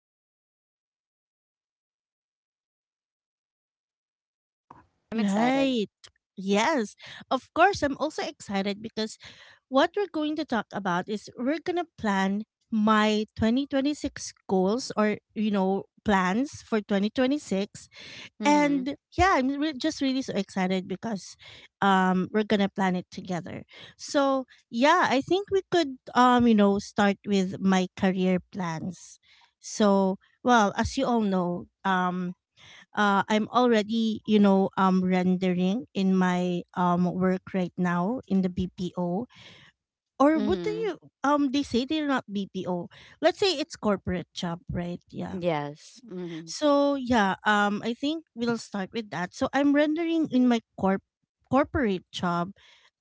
for today. And yeah, thanks Ron for having me here on your show. I'm excited. Right. Yes. Of course, I'm also excited because what we're going to talk about is we're going to plan my 2026 goals or, you know, plans for 2026. Mhm. And yeah, I'm just really so excited because we're gonna plan it together. So yeah, I think we could you know start with my career plans. So well, as you all know, I'm already rendering in my work right now in the BPO, or what do Mhm. you they say, they're not BPO. Let's say it's corporate job, right? Yeah. Yes. Mhm. So yeah, I think we'll start with that. So I'm rendering in my corporate job.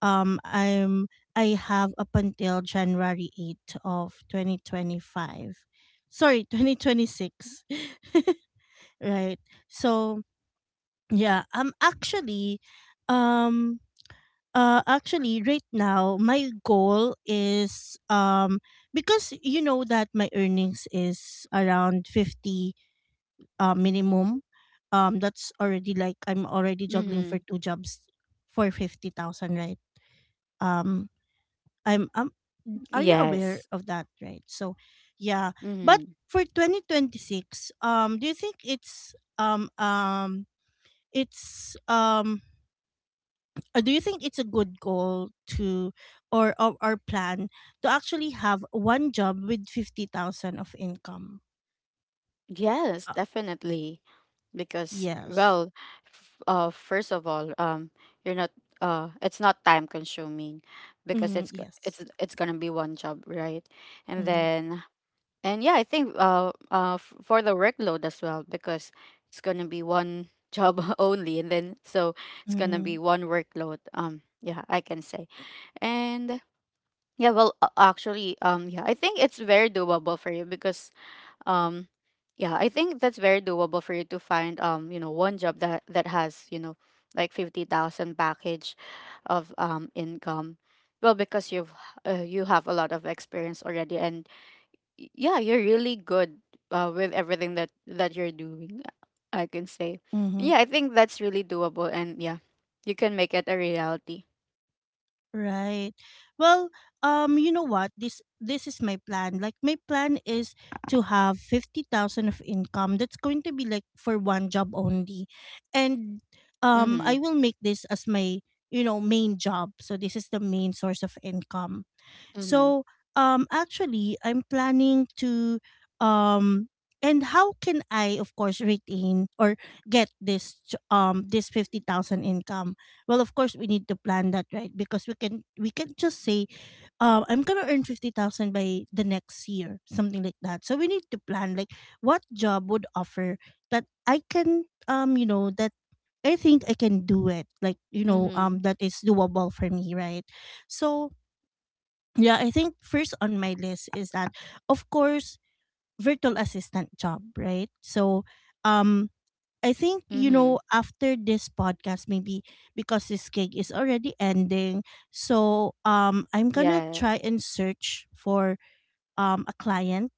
Um, I'm I have up until January 8th of 2025. Sorry, 2026. Right. So yeah, I'm actually, um, actually right now my goal is because you know that my earnings is around 50, minimum, that's already like I'm already juggling for Mhm. two jobs for 50,000, right? Um, I'm are you aware Yes. of that, right? So, yeah, but Mhm. for 2026, do you think it's do you think it's a good goal to, or plan to actually have one job with 50,000 of income. Yes, Uh, definitely. Because yes. well, first of all, you're not it's not time consuming because Mm, it's g- yes. It's going to be one job, right? And Mm-hmm. then And yeah, I think for the workload as well because it's gonna be one job only, and then so it's gonna Mm-hmm. be one workload. Yeah, I can say. And yeah, well, actually, yeah, I think it's very doable for you because um, yeah, I think that's very doable for you to find one job that has you know like 50,000 package of income. Well, because you have a lot of experience already, and yeah, you're really good with everything that you're doing. I can say, Mm-hmm. yeah, I think that's really doable, and yeah, you can make it a reality. Right. Well, you know what? This is my plan. Like my plan is to have 50,000 of income. That's going to be like for one job only, and I Mhm. will make this as my you know main job. So this is the main source of income. Mhm. So, actually, I'm planning to, um, and how can I, of course, retain or get this, this 50,000 income? Well, of course, we need to plan that, right? Because we can just say, I'm gonna earn 50,000 by the next year, something like that. So we need to plan, like, what job would offer that I can, you know, that I think I can do it, like, you know, Mhm. that is doable for me, right? So, yeah, I think first on my list is that of course virtual assistant job, right? So um I think you know Mhm. after this podcast maybe because this gig is already ending, so I'm going to try Yes. and search for a client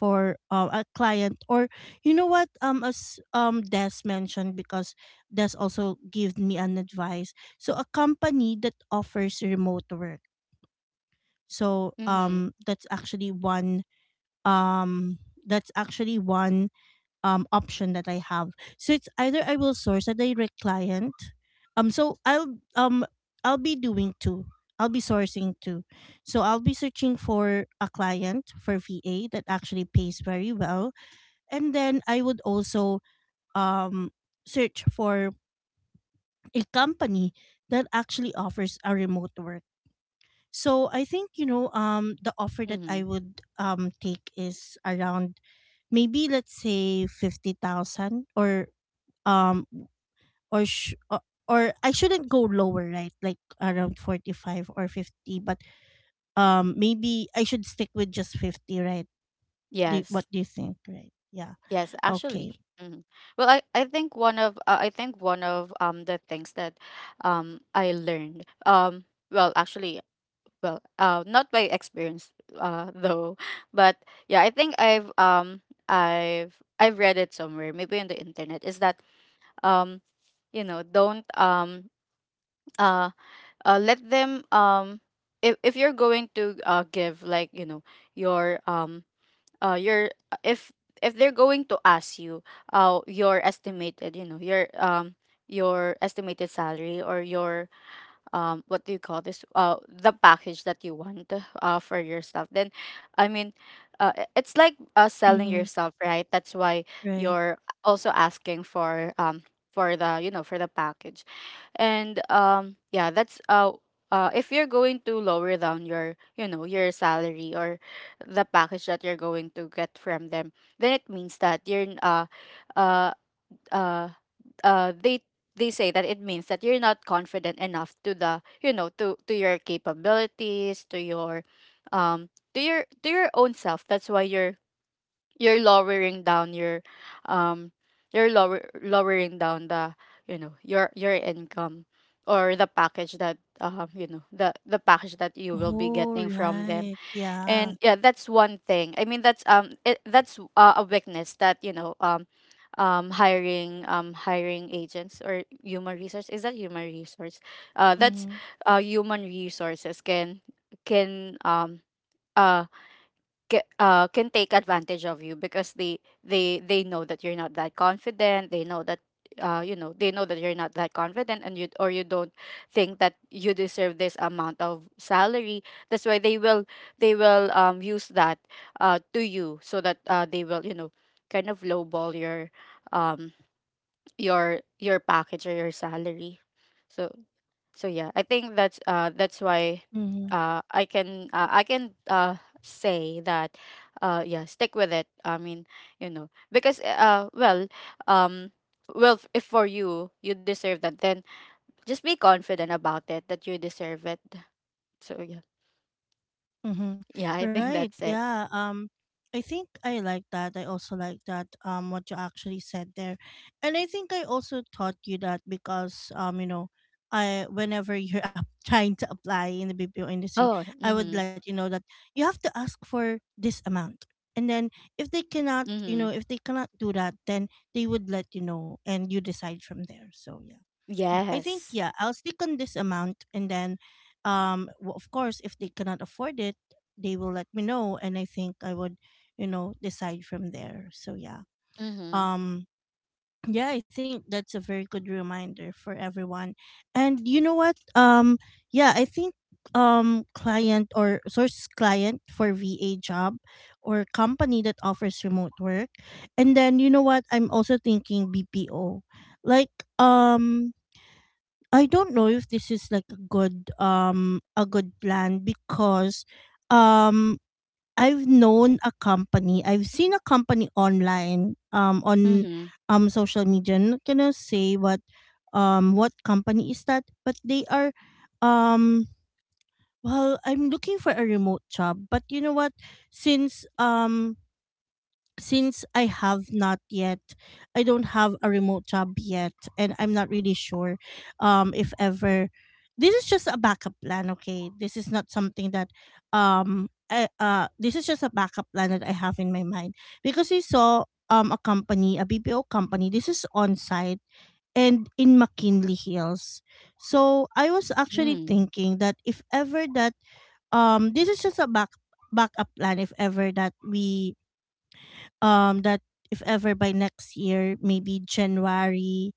for a client, or you know what, as Des mentioned, because Des also gave me an advice. So a company that offers remote work, so Mhm. That's actually one um that's actually one option that I have. So it's either I will source a direct client. Um so I'll um I'll be doing two. I'll be sourcing two. So I'll be searching for a client for VA that actually pays very well. And then I would also um search for a company that actually offers a remote work. So I think you know the offer that I Mhm. would take is around maybe let's say 50,000 or um or sh- uh, or I shouldn't go lower, right? Like around 45 or 50, but maybe I should stick with just 50, right? What Yes. do you think, right? Yeah, Yes. okay. Actually. Mhm. Well, I think one of I think one of the things that I learned well actually well not by experience though but yeah I think I've read it somewhere maybe on the internet is that um you know don't uh, let them if you're going to give like you know your um your if if they're going to ask you your estimated you know your estimated salary or your what do you call this the package that you want for yourself then I mean it's like selling Mm, yourself right that's why right. you're also asking for the you know for the package, and yeah that's if you're going to lower down your you know your salary or the package that you're going to get from them then it means that you're uh uh uh they they say that it means that you're not confident enough to the you know to your capabilities to your um to your to your own self that's why you're lowering down your um you're lower lowering down the you know your income or the package that you know the package that Oh you will be getting right, from them, yeah. and yeah that's one thing I mean that's that's a weakness that you know hiring hiring agents or human resource is that human resource Mm-hmm. that's human resources can uh can take advantage of you because they know that you're not that confident, they know that you know they know that you're not that confident and you or you don't think that you deserve this amount of salary, that's why they will use that to you so that they will you know kind of lowball um your package or your salary. So so yeah I think that's why Mm-hmm. I can I can say that yeah stick with it, I mean you know because well um well if for you you deserve that then just be confident about it that you deserve it. So yeah, Mm-hmm. yeah I think that's Right. it. Yeah. I think I like that. I also like that. What you actually said there, and I think I also taught you that because you know, I whenever you're up trying to apply in the BPO industry, Oh, I would mhm. let you know that you have to ask for this amount, and then if they cannot, you know, Mhm. if they cannot do that, then they would let you know, and you decide from there. So yeah. I think Yes. yeah, I'll stick on this amount, and then, of course, if they cannot afford it, they will let me know, and I think I would, you know, decide from there. So yeah, Mhm. um, yeah, I think that's a very good reminder for everyone. And you know what? Yeah, I think um, client or source client for VA job or company that offers remote work. And then you know what? I'm also thinking BPO. Like um I don't know if this is like a good plan because um I've known a company. I've seen a company online on Mhm. Social media. I'm not gonna say what company is that, but they are um well, I'm looking for a remote job. But you know what? Since um since I have not yet, I don't have a remote job yet, and I'm not really sure if ever. This is just a backup plan, okay? This is not something that this is just a backup plan that I have in my mind because I saw a company, a BPO company. This is on site and in McKinley Hills. So I was actually Mhm. thinking that if ever that this is just a backup plan if ever that we that if ever by next year, maybe January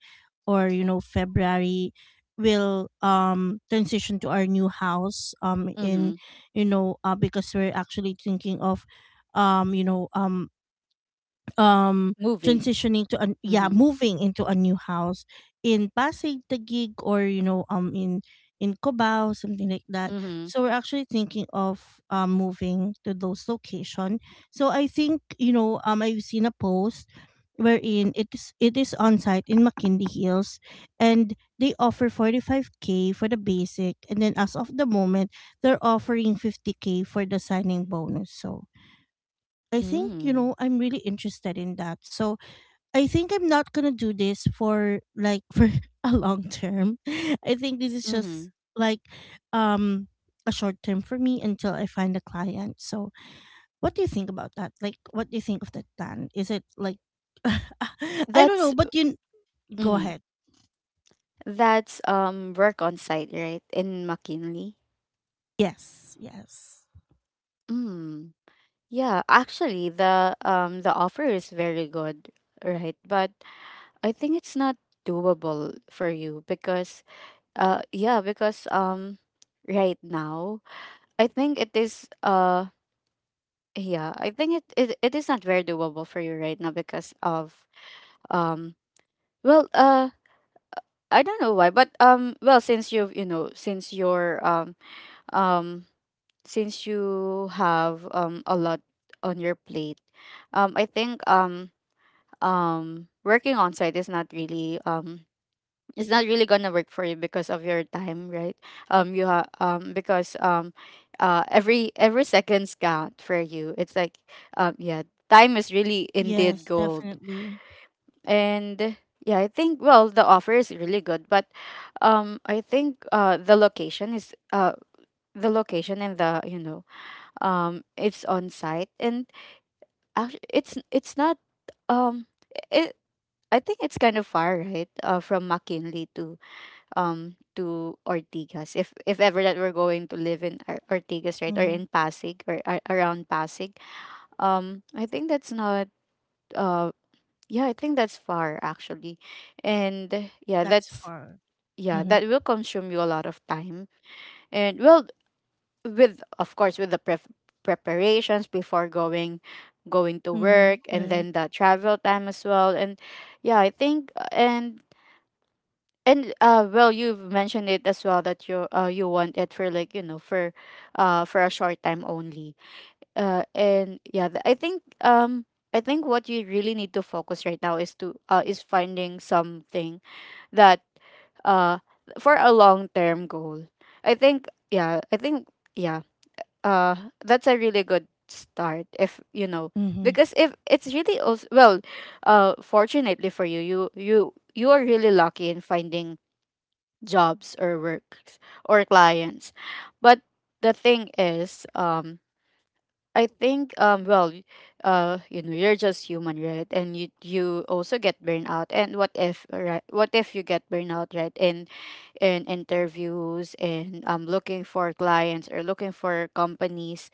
or you know February, will transition to our new house in Mhm. you know because we're actually thinking of um you know um um Moving. transitioning to an yeah Mhm. moving into a new house in Pasig Taguig, or you know in Cubao, something like that. Mhm. So we're actually thinking of moving to those location. So I think you know I've seen a post wherein it is on site in McKinley Hills, and they offer 45k for the basic, and then as of the moment they're offering 50k for the signing bonus. So I think you Mhm. know I'm really interested in that. So I think I'm not gonna do this for like for a long term. I think this is just Mhm. like um a short term for me until I find a client. So what do you think about that? Like what do you think of that plan? Is it like I don't know, That's. but you go Mhm. ahead. That's work on site, right? In McKinley. Yes, yes. Mm. Yeah, actually the offer is very good, right? But I think it's not doable for you because yeah, because right now I think it is yeah, I think it, it is not very doable for you right now because of um well I don't know why, but well since you've you know since you're um since you have a lot on your plate, I think working on site is not really it's not really gonna work for you because of your time, right? Because every seconds count for you, it's like yeah time is really Yes, indeed gold. definitely. And yeah I think well the offer is really good but I think the location is the location and the you know it's on site, and actually it's not um it I think it's kind of far, right? From McKinley to Ortigas. If ever that we're going to live in Mm-hmm. Ortigas, right, or in Pasig or around Pasig, I think that's not uh yeah, I think that's far actually, and That's yeah, for that's mm-hmm. yeah that will consume you a lot of time. And well, with of course with the preparations before going to Mm-hmm. work and Right. then the travel time as well, and yeah I think and well you've mentioned it as well that you you want it for like you know for a short time only. And yeah I think I think what you really need to focus right now is to is finding something that uh for a long term goal, I think yeah I think yeah uh that's a really good start if you know, Mm-hmm. because if it's really also well fortunately for you you are really lucky in finding jobs or works or clients. But the thing is I think well you know you're just human right and you also get burned out, and what if right what if you get burned out right. In interviews and looking for clients or looking for companies.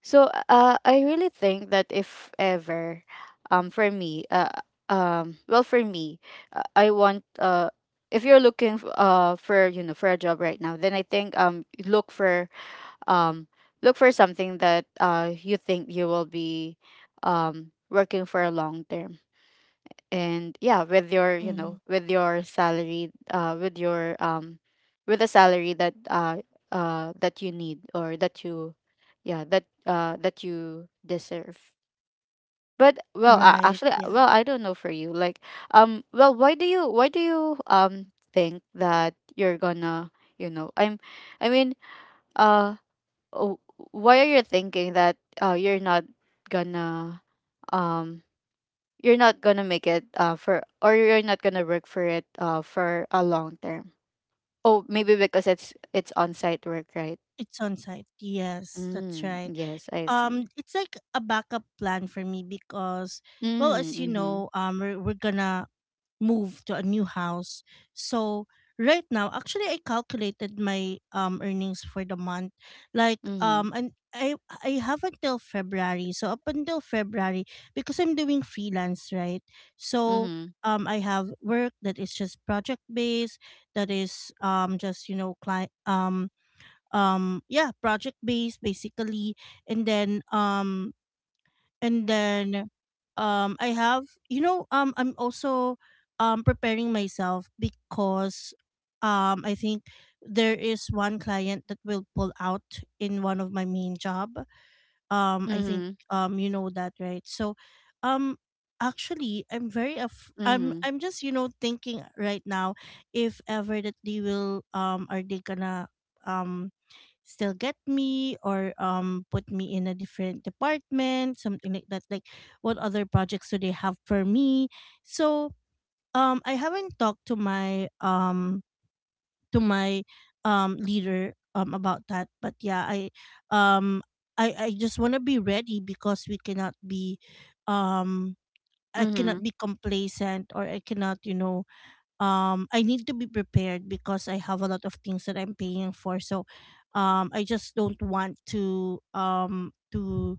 So I really think that if ever, for me, well, for me, I want if you're looking for you know for a job right now, then I think look for um look for something that you think you will be working for a long term, and yeah with your you Mm-hmm. know with your salary with your with the salary that that you need or that you yeah that that you deserve. But well Right. actually Yeah. well I don't know for you like well why do you think that you're gonna you know I mean uh oh, why are you thinking that uh you're not gonna um you're not gonna make it for or you're not gonna work for it for a long term. Oh, maybe because it's on site work, right? It's on site. Yes, that's Mm, right. yes, I see. It's like a backup plan for me because well Mm, as you mm-hmm. know we're gonna move to a new house. So right now actually I calculated my earnings for the month, like Mm-hmm. And I have until February, so up until February because I'm doing freelance, right? So I have work that is just project based, that is just you know client yeah project based basically, and then um and then I have you know I'm also preparing myself because I think there is one client that will pull out in one of my main job, I think Mm-hmm. You know that, right? So um actually i'm Mm-hmm. i'm just you know thinking right now if ever that they will are they gonna um still get me or put me in a different department, something like that, like what other projects do they have for me. So I haven't talked to my to my leader about that, but yeah um I just want to be ready because we cannot be um I Mm-hmm. cannot be complacent or I cannot you know I need to be prepared because I have a lot of things that I'm paying for. So I just don't want to um to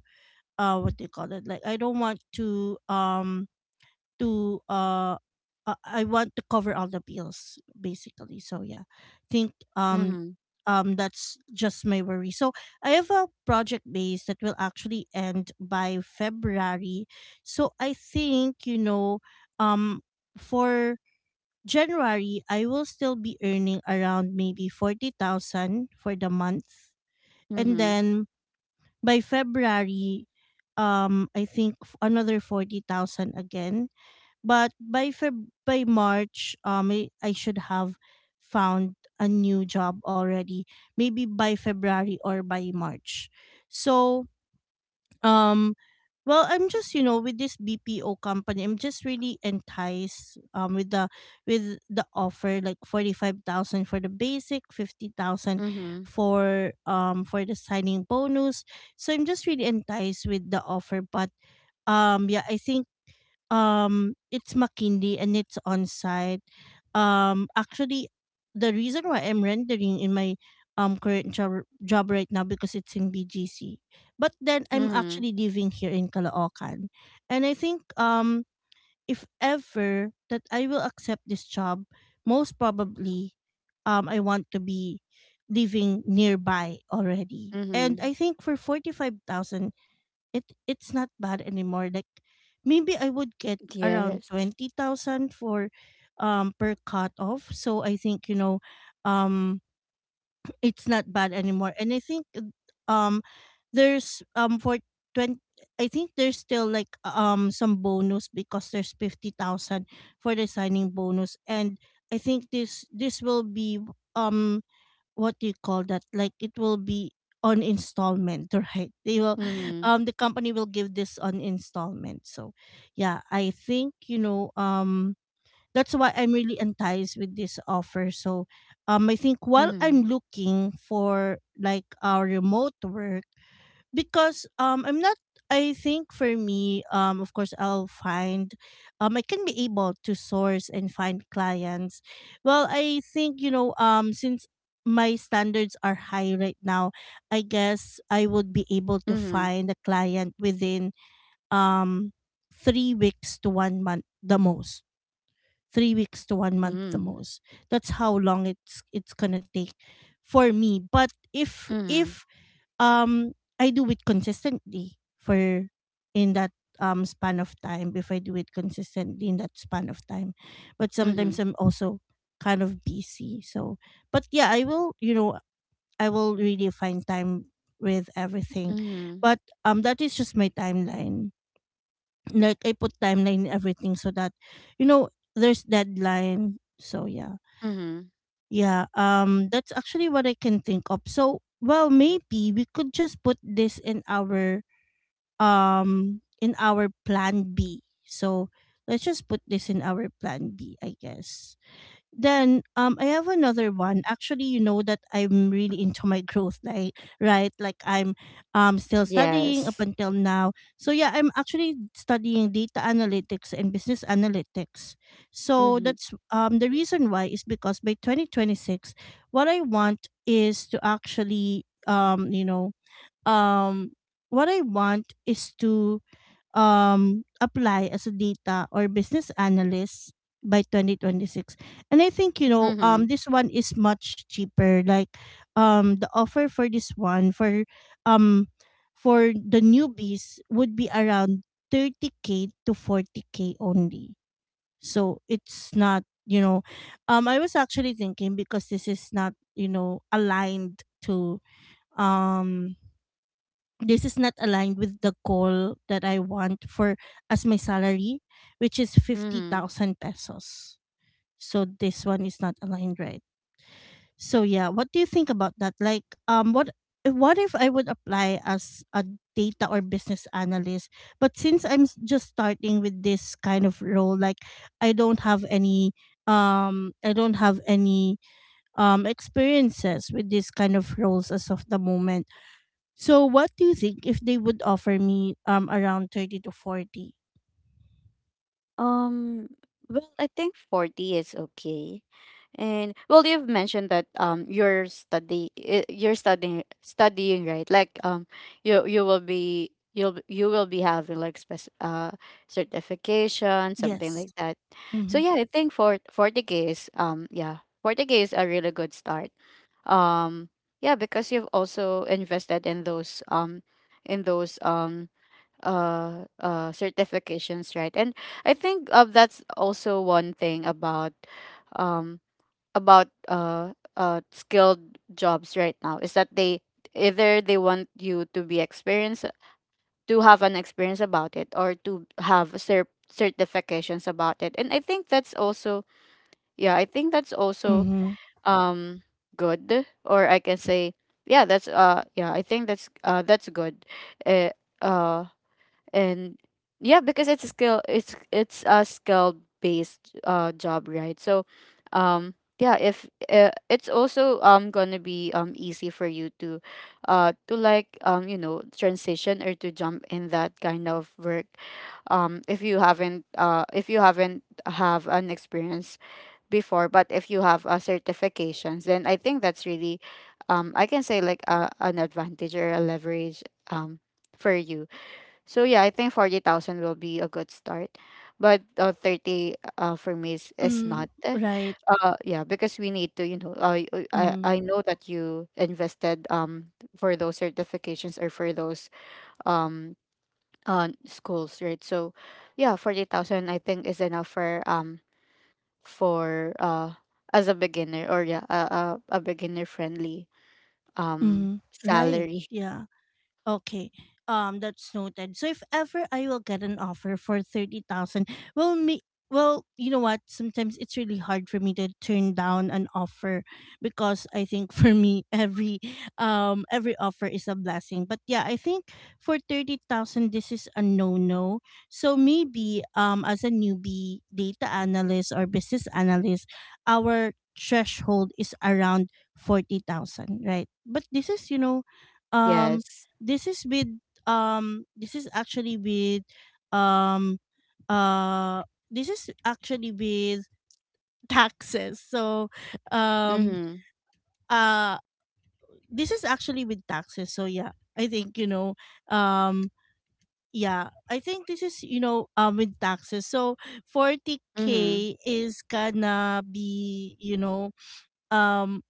uh what do you call it? Like I don't want to to uh I want to cover all the bills basically. So yeah. Think Mm-hmm. That's just my worry. So I have a project base that will actually end by February. So I think, you know, um for January, I will still be earning around maybe 40,000 for the month. And Mm-hmm. then by February, I think another 40,000 again. But by March, I should have found a new job already. Maybe by February or by March. So um, well, I'm just you know with this BPO company, I'm just really enticed with the offer, like 45,000 for the basic, 50,000 Mm-hmm. Mm-hmm. For the signing bonus. So I'm just really enticed with the offer, but yeah, I think it's McKinley and it's on site. Actually, the reason why I'm rendering in my current job right now because it's in BGC. But then I'm Mm-hmm. actually living here in Caloocan, and I think if ever that I will accept this job, most probably, I want to be living nearby already. And Mm-hmm. I think for 45,000 it's not bad anymore, like maybe I would get around Yes. 20,000 for per cut off. So I think um it's not bad anymore, and I think um there's for 20, I think there's still like some bonus because there's 50,000 for the signing bonus. And I think this will be um what do you call that, like it will be on installment right? They will Mm-hmm. The company will give this on installment. So yeah, I think that's why I'm really enticed with this offer. So I think while I'm Mm-hmm. looking for like our remote work, because I'm not, I think for me, of course I'll find I can be able to source and find clients. Well, I think since my standards are high right now, I guess I would be able to Mm-hmm. find a client within um 3 weeks to 1 month the most. 3 weeks to 1 month the Mm-hmm. most. That's how long it's going to take for me. But if Mm-hmm. if um, I do it consistently for in that span of time, if I do it consistently in that span of time. But sometimes Mm-hmm. I'm also kind of busy. So but yeah, I will, I will really find time with everything. Mm-hmm. But that is just my timeline. Like I put timeline in everything so that there's deadline. So yeah. Mm-hmm. Yeah, that's actually what I can think of. So well, maybe we could just put this in our plan B. So let's just put this in our plan B, I guess. Then I have another one. Actually, you know that I'm really into my growth, like, right? Like I'm still studying up Yes. until now. So yeah, I'm actually studying data analytics and business analytics. So Mm-hmm. that's the reason why is because by 2026, what I want is to actually um what I want is to apply as a data or business analyst by 2026. And I think you know Mm-hmm. um this one is much cheaper, like the offer for this one um for the newbies would be around 30k to 40k only. So it's not, I was actually thinking because this is not, aligned to um this is not aligned with the goal that I want for as my salary, which is Mm-hmm. 50,000 pesos. So this one is not aligned, right? So yeah, what do you think about that? Like what if I would apply as a data or business analyst, but since just starting with this kind of role, like I don't have any I don't have any experiences with this kind of roles as of the moment. So what do you think if they would offer me around 30 to 40? Um, well, I think 40 is okay. And well, you've mentioned that you're you're studying studying, right? Like you will be you'll you will be having like spec certification, something Yes. like that. So Mhm. yeah, I think for 40k is yeah, 40k is a really good start. Um yeah, because you've also invested in those certifications, right? And I think that's also one thing um about skilled jobs right now is that they either they want you to be experienced to have an experience about it, or to have certifications about it, and I think that's also yeah I think that's also Mm-hmm. um good, or I can say yeah that's yeah I think that's good. uh, uh and yeah because it's a skill, it's a skill based job, right? So um yeah if it's also gonna be easy for you to like you know transition or to jump in that kind of work, if you haven't have an experience before, but if you have certifications then I think that's really I can say like a, an advantage or a leverage um for you. So yeah, I think 40,000 will be a good start. But 30 Mm, for me is right. not. Eh. Yeah, because we need to, you know, Mhm. I know that you invested for those certifications or for those um schools, right? So yeah, 40,000 I think is enough for as a beginner, or yeah, a beginner friendly Mhm. Right. salary. Yeah. Okay. That's noted. So if ever I will get an offer for 30,000, well, me, well, you know what? Sometimes it's really hard for me to turn down an offer because I think for me every offer is a blessing. But yeah, I think for 30,000, this is a no no. So maybe as a newbie data analyst or business analyst, our threshold is around 40,000, right? But this is, um Yes. this is with um this is actually with um uh this is actually with taxes. So um Mhm. uh this is actually with taxes. So yeah, I think you know um yeah I think this is, with taxes. So Mhm. 40k is gonna be, um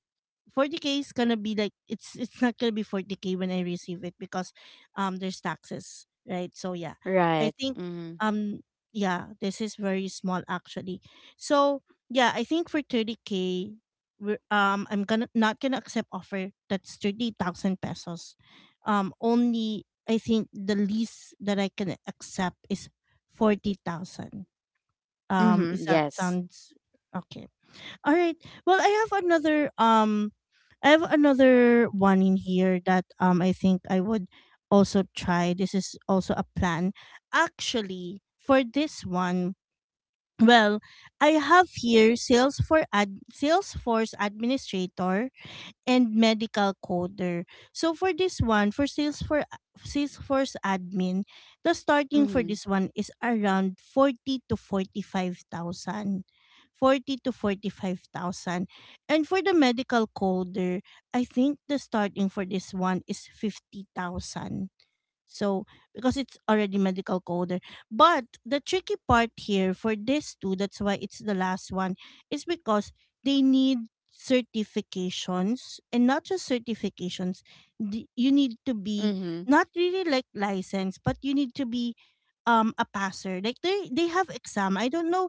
40k is gonna be like, it's not gonna be 40k when I receive it because there's taxes, right? So yeah. I Right. think Mhm. um yeah, this is very small actually. So yeah, I think for 30k I'm gonna not gonna accept offer that's 30,000 pesos. Um, only I think the least that I can accept is 40,000. Um, Mhm, is that yes. sounds okay. All right. Well, I have another one in here that I think I would also try. This is also a plan. Actually, for this one, well, I have here sales for ad Salesforce administrator and medical coder. So for this one, for Salesforce admin, the starting for Mhm, this one is around 40 to 45,000, 40 to 45,000. And for the medical coder, I think the starting for this one is 50,000. So, because it's already medical coder. But the tricky part here for this too, that's why it's the last one, is because they need certifications, and not just certifications. You need to be mhm. not really like licensed, but you need to be a passer. Like they have exam. I don't know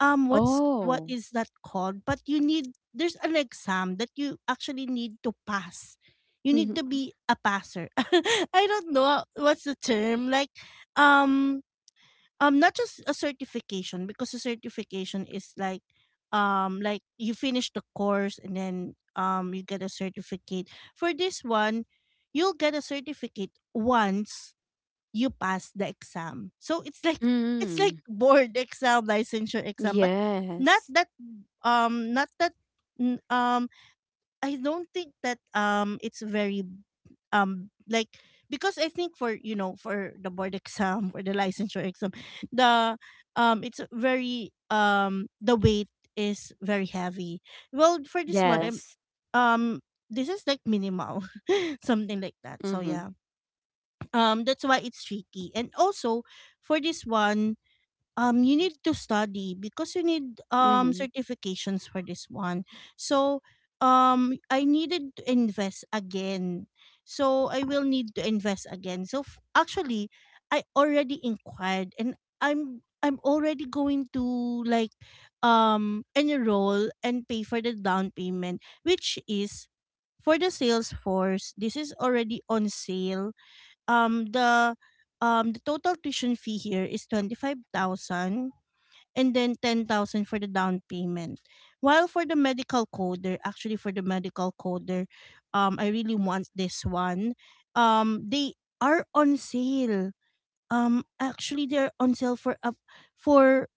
what's what Oh. is that called, but you need, there's an exam that you actually need to pass. You need to Mhm, be a passer. I don't know what's the term, like um not just a certification, because a certification is like you finish the course and then you get a certificate. For this one, you'll get a certificate once you pass the exam. So it's like mm. board exam, licensure exam, but not Yes. that um not that n- um I don't think that it's very like because I think for, for the board exam or the licensure exam, the it's very the weight is very heavy. Well, for this one, Yes. um this is like minimal, something like that. So Mhm, yeah, that's why it's tricky. And also for this one, you need to study because you need mhm. certifications for this one. So um i needed to invest again I will need to invest again. So actually, I already inquired, and I'm already going to like enroll and pay for the down payment, which is for the Salesforce. This is already on sale. um the the total tuition fee here is 25,000, and then 10,000 for the down payment. While for the medical coder, actually for the medical coder, I really want this one. Um, they are on sale. Um, actually they're on sale for for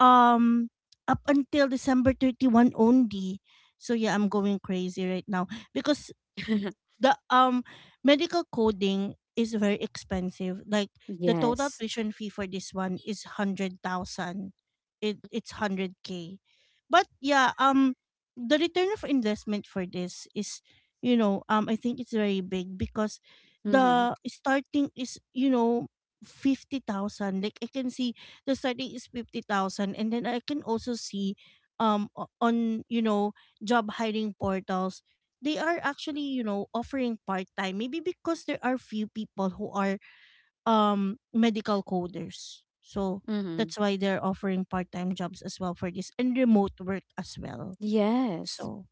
um up until December 31 only. So yeah, I'm going crazy right now because the medical coding is very expensive. Like the total Yes. tuition fee for this one is 100,000. It's 100k. But yeah, the return of investment for this is, I think it's very big because Mhm, the starting is, you know, 50,000. Like I can see the starting is 50,000, and then I can also see on, job hiring portals, they are actually, offering part time, maybe because there are few people who are medical coders. So mhm. that's why they're offering part time jobs as well for this, and remote work as well. Yes. So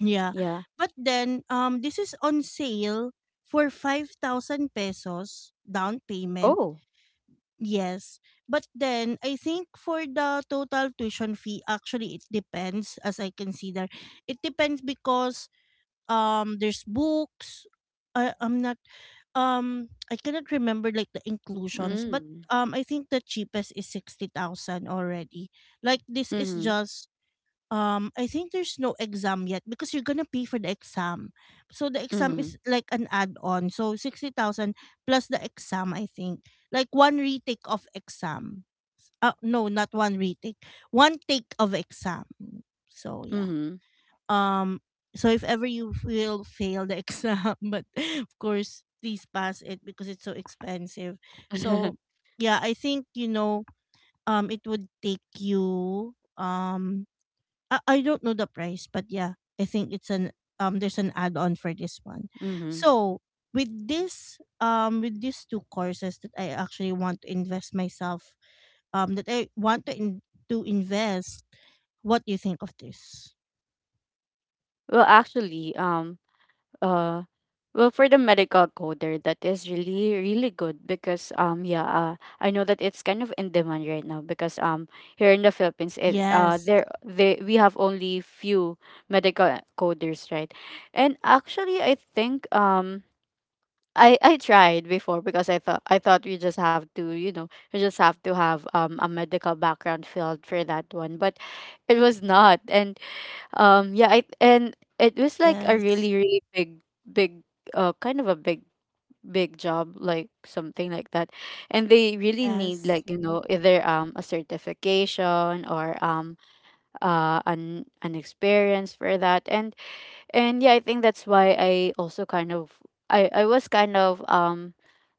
yeah. Yeah. But then this is on sale for 5,000 pesos down payment. Oh. Yes. But then I think for the total tuition fee, actually it depends as I consider. It depends because there's books. I I'm not I cannot remember like the inclusions, but Mm. I think the cheapest is 60,000 already. Like this is Mhm, just, I think there's no exam yet, because you're gonna pay for the exam. So the exam mhm, is like an add-on. So 60,000 plus the exam, I think. Like one retake of exam. No, not one retake. One take of exam. So yeah. mhm. Um, so if ever you will fail the exam, but of course please pass it because it's so expensive. So yeah, I think you know it would take you I don't know the price, but yeah, I think it's an there's an add-on for this one. Mhm. So with this with these two courses that I actually want to invest myself, that I want to invest, what do you think of this? Well, actually, Uh, well, for the medical coder, that is really, really good because yeah, I know that it's kind of in demand right now because here in the Philippines, it Yes, there they we have only few medical coders, right? And actually, I think I tried before because I thought we just have to, you know, we just have to have a medical background field for that one, but it was not. And yeah, I and it was like a yes, really, really big, kind of a big job, like something like that. And they really need, yes. like, you know, either a certification or an experience for that. And yeah, I think that's why I also kind of I was kind of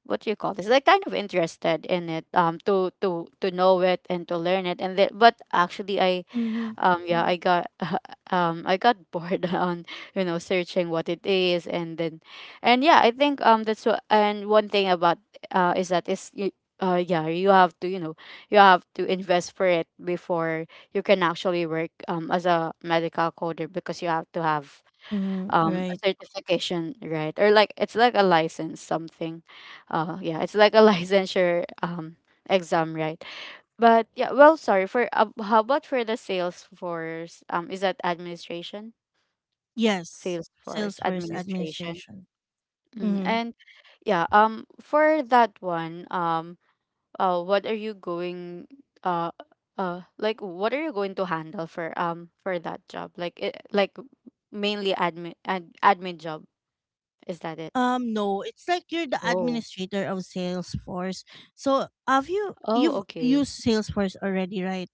what do you call this, like, kind of interested in it, to to know it and to learn it and that. But actually, I Mm-hmm, yeah, I got I got bored on, you know, searching what it is. And then and yeah, I think that's what. And one thing about is that is you yeah, you have to, you know, you have to invest for it before you can actually work as a medical coder, because you have to have mm-hmm, a right. certification, right? Or, like, it's like a license, something. Yeah, it's like a licensure exam, right? But yeah, well, sorry for how about for the Salesforce? Is that administration? Yes, Salesforce Salesforce administration. administration. Mm. Mm-hmm. And yeah, for that one, what are you going, uh, like, what are you going to handle for that job? Like it, like mainly admin, admin job. Is that it? No, it's like you're the Oh. administrator of Salesforce. So have you, Oh, you've okay. used Salesforce already, right?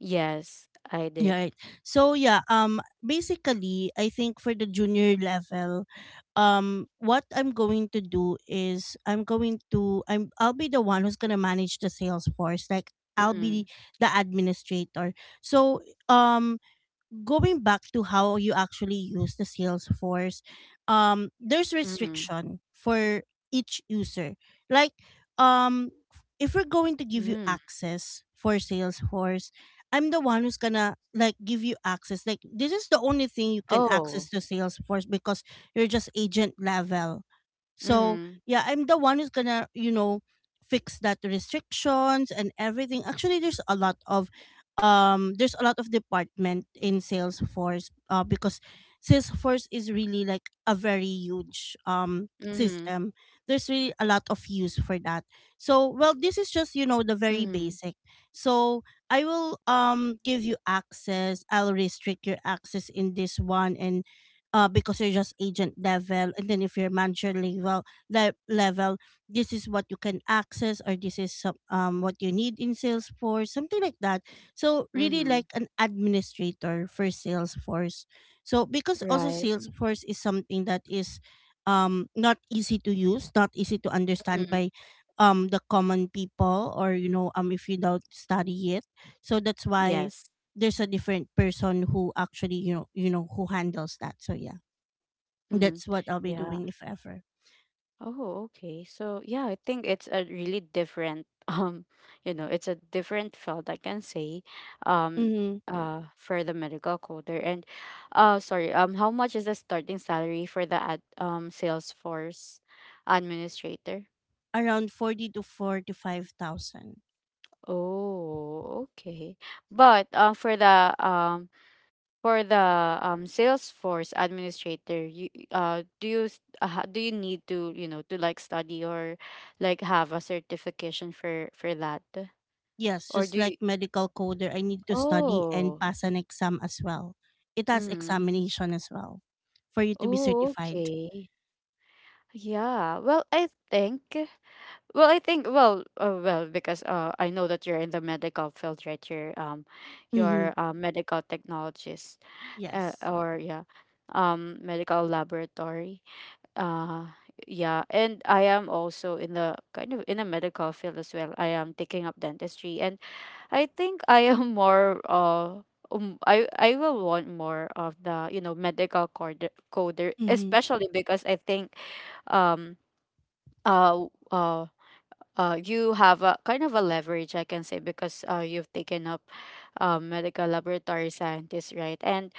Yes, I did. Yeah, right. So yeah, basically I think for the junior level, what I'm going to do is I'm going to I'm I'll be the one who's gonna manage the Salesforce. Like I'll be Mm, the administrator. So um going back to how you actually use the Salesforce, there's mm, restriction for each user. Like, if we're going to give you mm. access for Salesforce, I'm the one who's gonna like give you access. Like, this is the only thing you can Oh. access to Salesforce because you're just agent level so Mm, yeah, I'm the one who's gonna, fix that restrictions and everything. Actually, there's a lot of there's a lot of department in Salesforce because Salesforce is really like a very huge mm. system. There's really a lot of use for that. So well this is just, you know, the very Mhm, basic. So I will give you access. I'll restrict your access in this one and because you're just agent level, and then if you're manager level level, this is what you can access, or this is some, what you need in Salesforce, something like that. So really mhm, like an administrator for Salesforce. So because also right. Salesforce is something that is not easy to use, not easy to understand Mhm, by the common people, or you know, if you don't study it. So that's why yes. there's a different person who actually you know who handles that, so yeah, Mhm. that's what I'll be Yeah. doing if ever. Oh, okay. So, yeah, I think it's a really different um, you know, it's a different field, I can say, um Mm-hmm. For the medical coder. And sorry, how much is the starting salary for the Salesforce administrator? Around 40 to 45,000. Oh, okay. But for the for the Salesforce administrator, you do you do you need to, you know, to, like, study or like have a certification for that, Yes, or just do like you? medical coder, I need to study and Oh, pass an exam as well. It has mm, examination as well for you to be oh, certified. okay, yeah. Well, I think. Well, because I know that you're in the medical field, right? Mm-hmm. You're a medical technologist, Yes. or yeah, medical laboratory. Uh yeah, and I am also in the kind of in the medical field as well. I am taking up dentistry. And I think I am more I will want more of the, you know, medical coder, Mm-hmm. especially, because I think um uh uh you have a kind of a leverage, I can say, because you've taken up medical laboratory scientist, right? And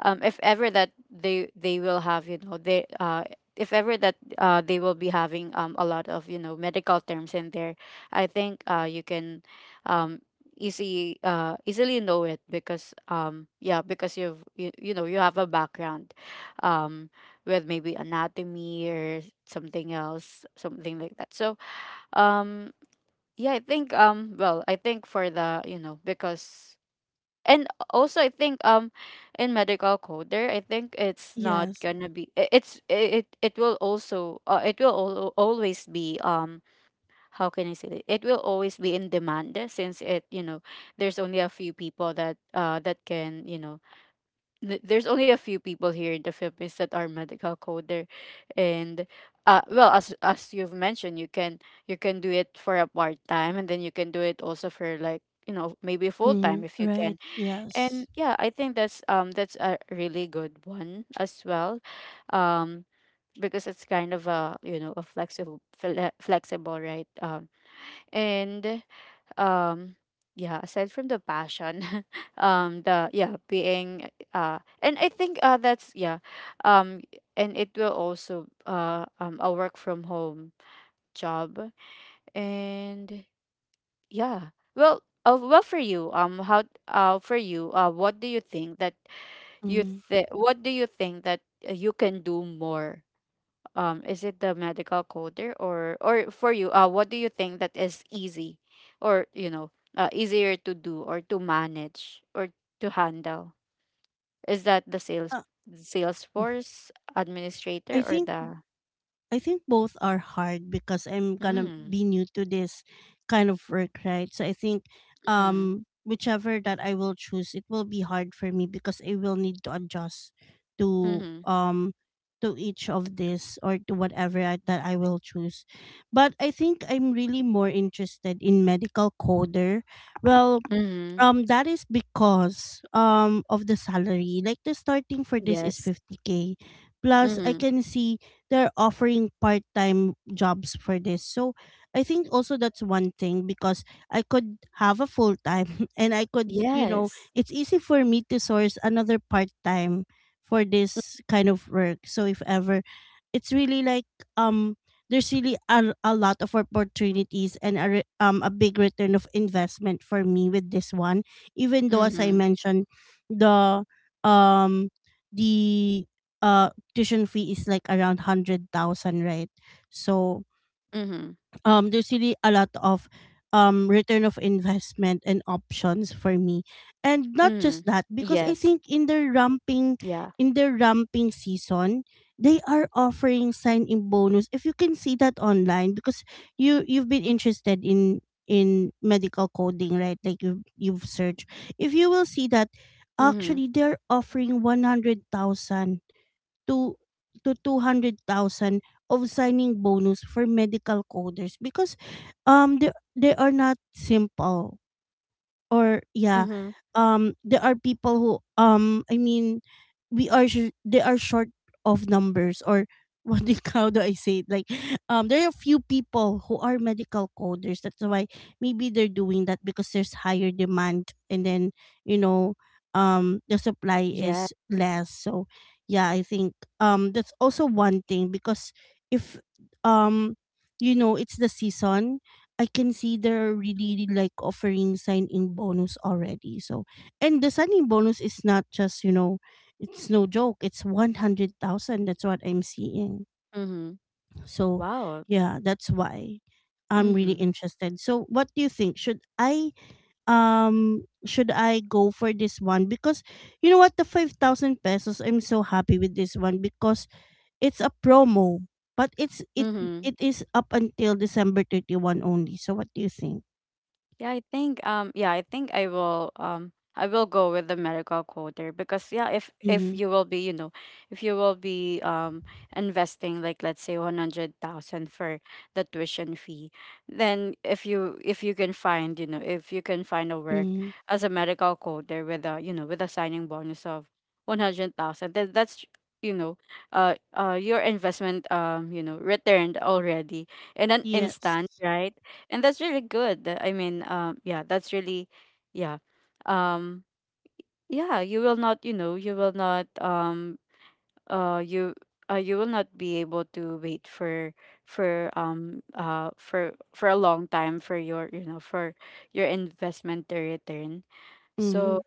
if ever that they will have, you know, they if ever that they will be having a lot of, you know, medical terms in there, I think you can um easy easily know it, because yeah, because you know, you have a background um with maybe anatomy or something else, something like that. So um yeah, I think for the, you know, because and also I think in medical coder, I think Yes. it's not gonna be it, it will also it will always be how can I say it, it will always be in demand, eh, since, it, you know, there's only a few people that that can, you know, there's only a few people here in the Philippines that are medical coder. And well, as you've mentioned, you can do it for a part time, and then you can do it also for, like, you know, maybe full Mm, time if you right. can. Yes. And yeah, I think that's a really good one as well, um because it's kind of a, you know, a flexible, flexible, right? And um yeah, aside from the passion the yeah, being, and I think that's yeah. um and it will also a work from home job. And yeah, well, well, for you, how for you, what do you think that you Mm. think what do you think that you can do more is it the medical coder? Or for you, what do you think that is easy, or you know, easier to do, or to manage, or to handle? Is that the Uh, Salesforce administrator, I or think the I think both are hard because I'm gonna be mm, new to this kind of work, right? So I think mm, whichever that I will choose, it will be hard for me because I will need to adjust to mm-hmm, um to each of this or to whatever that I will choose. But I think I'm really more interested in medical coder. Well, mm-hmm, that is because of the salary. Like the starting for this is yes, 50k. Plus I mm-hmm, can see they're offering part-time jobs for this. So I think also that's one thing because I could have a full-time and I could, you know, yes, it's easy for me to source another part-time for this kind of work. So if ever it's really like um there's really a lot of opportunities and a big return of investment for me with this one, even though as I mm-hmm, mentioned the um the tuition fee is like around 100,000, right? So mm-hmm, there's really a lot of return of investment and options for me. And not mm-hmm, just that, because I yes, think yeah, in their ramping season they are offering sign in bonus. If you can see that online, because you you've been interested in medical coding, right? Like you you've searched, if you will see that mm-hmm, actually they're offering 100,000 to to 200,000 of signing bonus for medical coders. Because um they, they are not simple, or yeah, mm-hmm, there are people who um i mean we are they are short of numbers, or what do, you, how do I say it, like there are few people who are medical coders. That's why maybe they're doing that, because there's higher demand, and then you know the supply yeah. is less. So yeah, I think that's also one thing because if um you know it's the season, I can see they're really really, like offering sign in bonus already. So, and the sign in bonus is not just, you know, it's no joke. It's 100,000. That's what I'm seeing. Mm-hmm. So, Wow. yeah, that's why I'm really Hmm, interested. So, what do you think? Should I go for this one? Because you know what, the 5,000 pesos, I'm so happy with this one because it's a promo, but hmm. it is up until December 31 only. So what do you think? Yeah, I think I will go with the medical quota. Because yeah, if Mm-hmm. you will be, you know, if you will be investing, like, let's say 100,000 for the tuition fee, then if you can find, you know, if you can find a work Mhm. as a medical quota with a, you know, with a signing bonus of 100,000, then that's, you know, your investment, you know, returned already in an Yes. instant, right? And that's really good, I mean, yeah, that's really, yeah, um yeah, you will not, you know, you will not uh you you will not be able to wait for for a long time for your, you know, for your investment to return. So Mhm,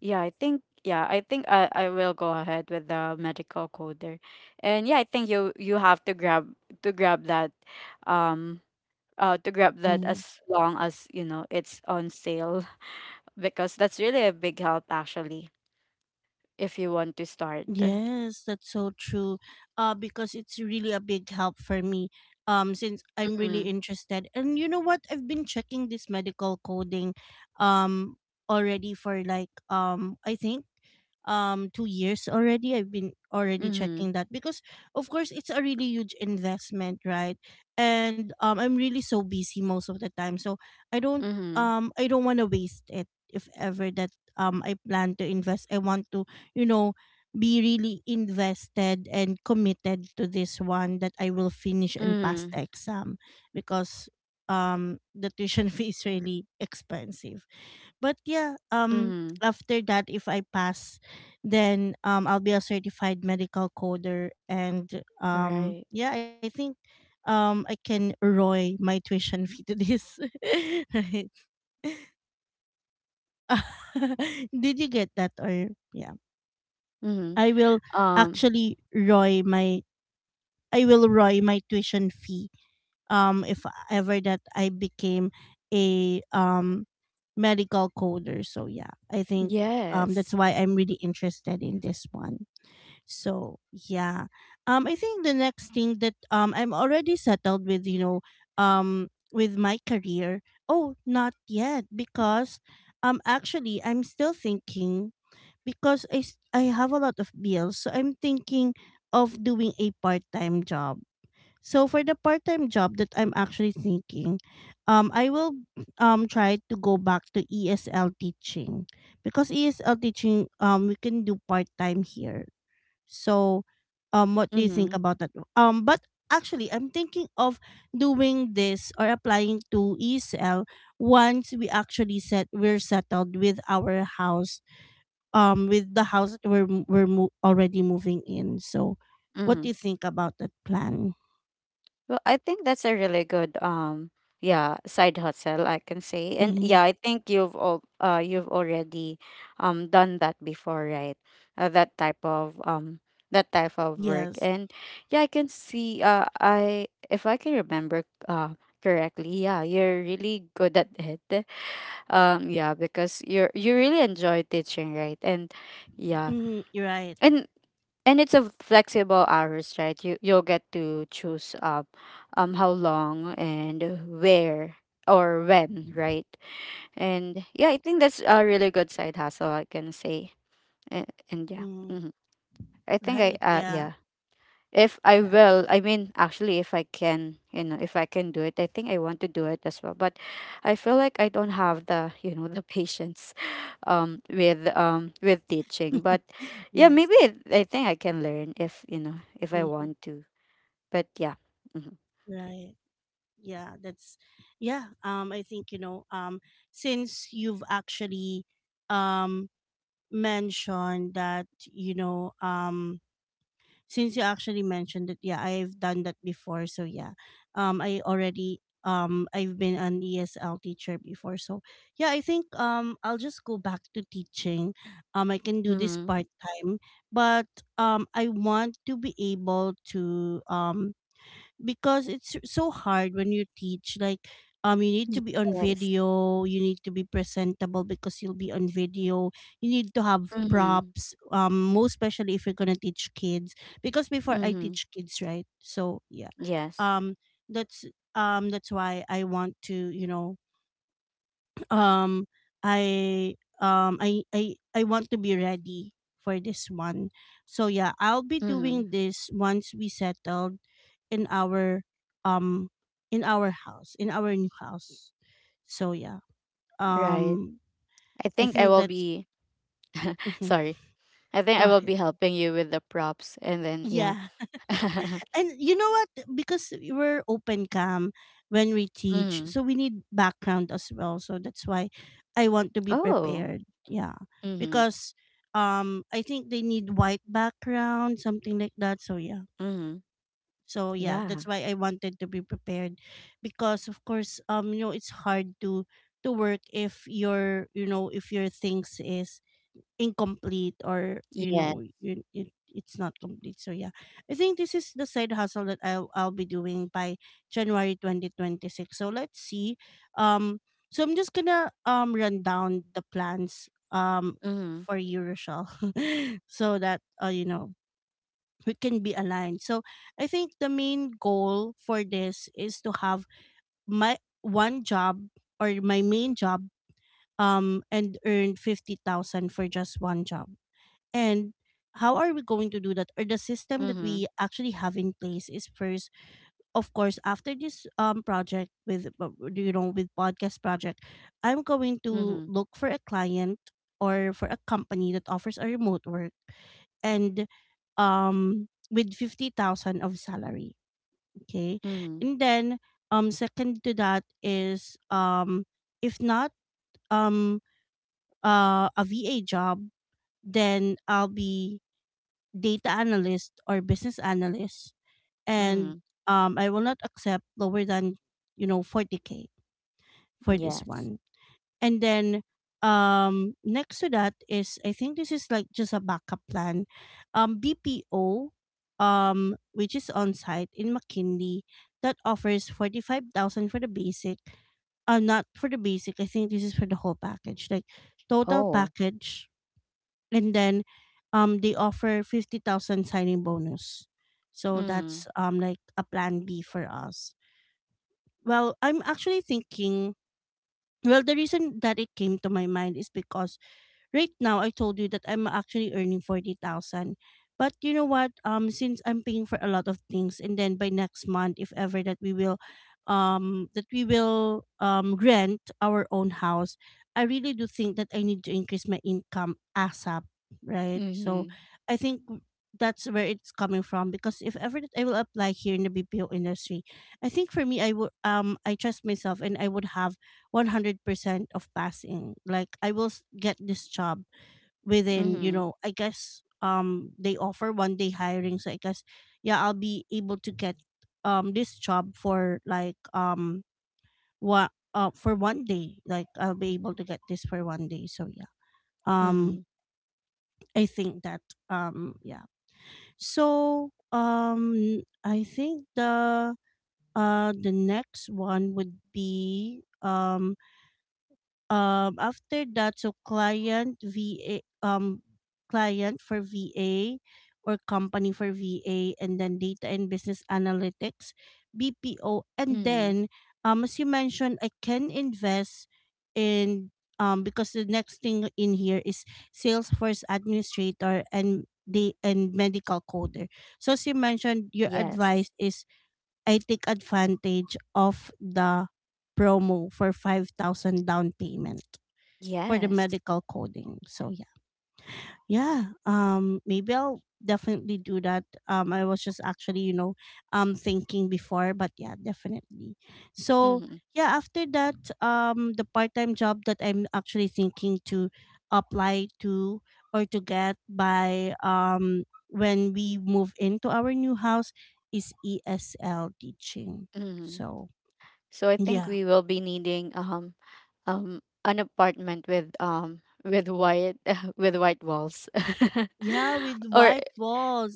yeah, I think, yeah, I think I will go ahead with the medical coder. And yeah, I think you have to grab that, um to grab that mhm. as long as, you know, it's on sale, because that's really a big help, actually, if you want to start. Yes, that's so true. Because it's really a big help for me. Since I'm Mm-hmm. really interested, and you know what, I've been checking this medical coding, um, already for like I think 2 years already, I've been already Mm-hmm. checking that because of course it's a really huge investment, right? And I'm really so busy most of the time, so I don't Mm-hmm. I don't want to waste it if ever that I plan to invest. I want to, you know, be really invested and committed to this one, that I will finish and pass Mm-hmm. the exam, because the tuition fee is really expensive. But yeah, um, Mm-hmm. after that if I pass, then I'll be a certified medical coder, and Right. yeah, I think I can roy my tuition fee to this. Right. Did you get that, or yeah? I Mm-hmm. will Um. actually roy my I will roy my tuition fee if ever that I became a medical coder. So yeah, I think that's Yes. why I'm really interested in this one. So yeah. Um, I think the next thing that I'm already settled with, you know, with my career. Oh, not yet, because actually I'm still thinking, because I have a lot of bills. So I'm thinking of doing a part-time job. So for the part-time job that I'm actually thinking, I will try to go back to ESL teaching, because ESL teaching, um, we can do part-time here. So, what do you Mm-hmm. think about that? But actually, I'm thinking of doing this or applying to ESL once we actually set we're settled with our house, with the house that we're already moving in. So, what Mm-hmm. do you think about that plan? Well, I think that's a really good yeah, side hustle, I can say. And Mm-hmm. yeah, I think you've already done that before, right? That type of that type of work. Yes. And yeah, I can see, I if I can remember uh correctly, yeah, you're really good at it. Yeah, because you really enjoy teaching, right? And yeah. Mm, you're right. And it's a flexible hours, right? You you'll get to choose, how long and where, or when, right? And yeah, I think that's a really good side hustle, I can say. And yeah, Mm, hmm, I think I right. Yeah. yeah, if I Yeah. will, I mean, actually, if I can, you know, if I can do it, I think I want to do it as well. But I feel like I don't have the you know, the patience, with teaching. But yeah, maybe Yes. I think I can learn if, you know, if I Mm-hmm. want to. But yeah. Mm-hmm. Right. Yeah, that's yeah. Um, I think you know since you've actually um mentioned that you know um yeah, I've done that before. So yeah, I already I've been an ESL teacher before. So yeah, I think I'll just go back to teaching. I can do this Mm-hmm. part time, but I want to be able to because it's so hard when you teach, like you need to be on Yes. video, you need to be presentable because you'll be on video, you need to have Mm-hmm. props, most especially if you're gonna teach kids, because before I Mm-hmm. teach kids, right? So yeah, Yes. um, that's that's why I want to, you know, um I I want to be ready for this one. So yeah, I'll be Mm-hmm. doing this once we settled in our um in our house in our new house. So yeah, Right. um, I I think I think will that's be sorry. I think go I will be ahead, helping you with the props, and then yeah. yeah. And you know what? Because we're open cam when we teach, Mm-hmm. so we need background as well. So that's why I want to be Oh. prepared. Yeah, Mhm, because I think they need white background, something like that. So yeah, mhm. so yeah, that's Yeah. why I wanted to be prepared, because of course, you know, it's hard to work if your you know if your things is incomplete, or you Yeah. know it's not complete. So yeah, I think this is the side hustle that I'll be doing by January 2026. So let's see. Um, so I'm just gonna run down the plans, um, Mhm, for you Rochelle. So that, you know, we can be aligned. So I think the main goal for this is to have my one job, or my main job, and earn 50,000 for just one job. And how are we going to do that? Or the system that mhm, we actually have in place is first, of course, after this project with you know, with podcast project, I'm going to mhm, look for a client, or for a company that offers a remote work, and with 50,000 of salary, okay? mhm, And then second to that is, um, if not um a VA job, then I'll be data analyst or business analyst, and mhm. I will not accept lower than you know 40k for this Yes. one. And then next to that is, I think this is like just a backup plan, um, BPO, um, which is on site in McKinley that offers 45,000 for the basic. Uh, not for the basic, I think this is for the whole package, like total Oh. package. And then they offer 50,000 signing bonus. So Mhm, that's like a plan B for us. Well, I'm actually thinking, well the reason that it came to my mind is because right now I told you that I'm actually earning 40,000. But you know what? Um, since I'm paying for a lot of things, and then by next month if ever that we will rent our own house, I really do think that I need to increase my income ASAP, right? So mhm, I think that's where it's coming from because if ever that I will apply here in the BPO industry, I think for me I would I trust myself and I would have 100% of passing. Like I will s- get this job within, you mhm, know i guess um they offer 1 day hiring, so I guess, yeah, I'll be able to get this job for like, what for 1 day. Like I'll be able to get this for 1 day, so yeah. um mhm, I think that yeah so I think the next one would be After that, so client VA, client for VA or company for VA, and then data and business analytics, BPO, and mhm. then, as you mentioned, I can invest in, because the next thing in here is Salesforce administrator and the and medical coder. So as you mentioned, your Yes. advice is I take advantage of the promo for 5,000 down payment for the Yes. medical coding. So yeah. Yeah. Maybe I'll definitely do that. I was just actually, thinking before, but yeah, definitely. So Mhm, yeah, after that, the part-time job that I'm actually thinking to apply to or to get by when we move into our new house is ESL teaching. mhm. So So I think yeah. we will be needing an apartment with white with white walls, Yeah, with or white walls,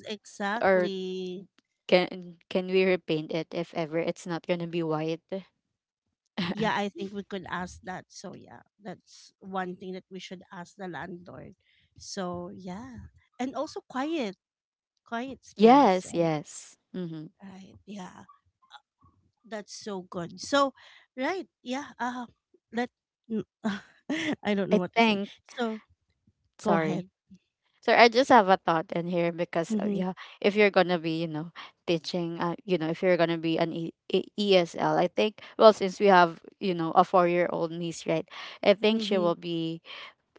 or exactly. can we repaint it if ever it's not gonna be white? Yeah, I think we could ask that. So yeah, that's one thing that we should ask the landlord. So yeah. And also quiet, quiet space, Yes, right? yes, hmm. Right. Yeah. That's so good. So right, yeah. Let mm, I don't know I what to say. think, So go sorry. ahead. So I just have a thought in here because, Mhm. yeah, if you're going to be, you know, teaching, you know, if you're going to be an ESL, I think, well, since we have, you know, a 4-year old niece, right? I think she Mhm. will be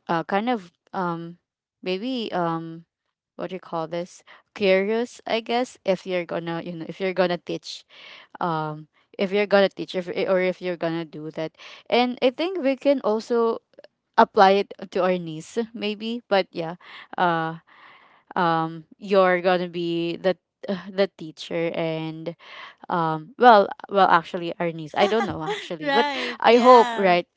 kind of, maybe, um, what do you call this? Curious, I guess, if you're gonna, you know, if you're gonna teach, um, if you're gonna teach if, or if you're gonna do that. And I think we can also apply it to our niece, maybe. But yeah, uh you're gonna be the the teacher. And well, actually, our niece, I don't know actually. But Right, I hope, yeah. right?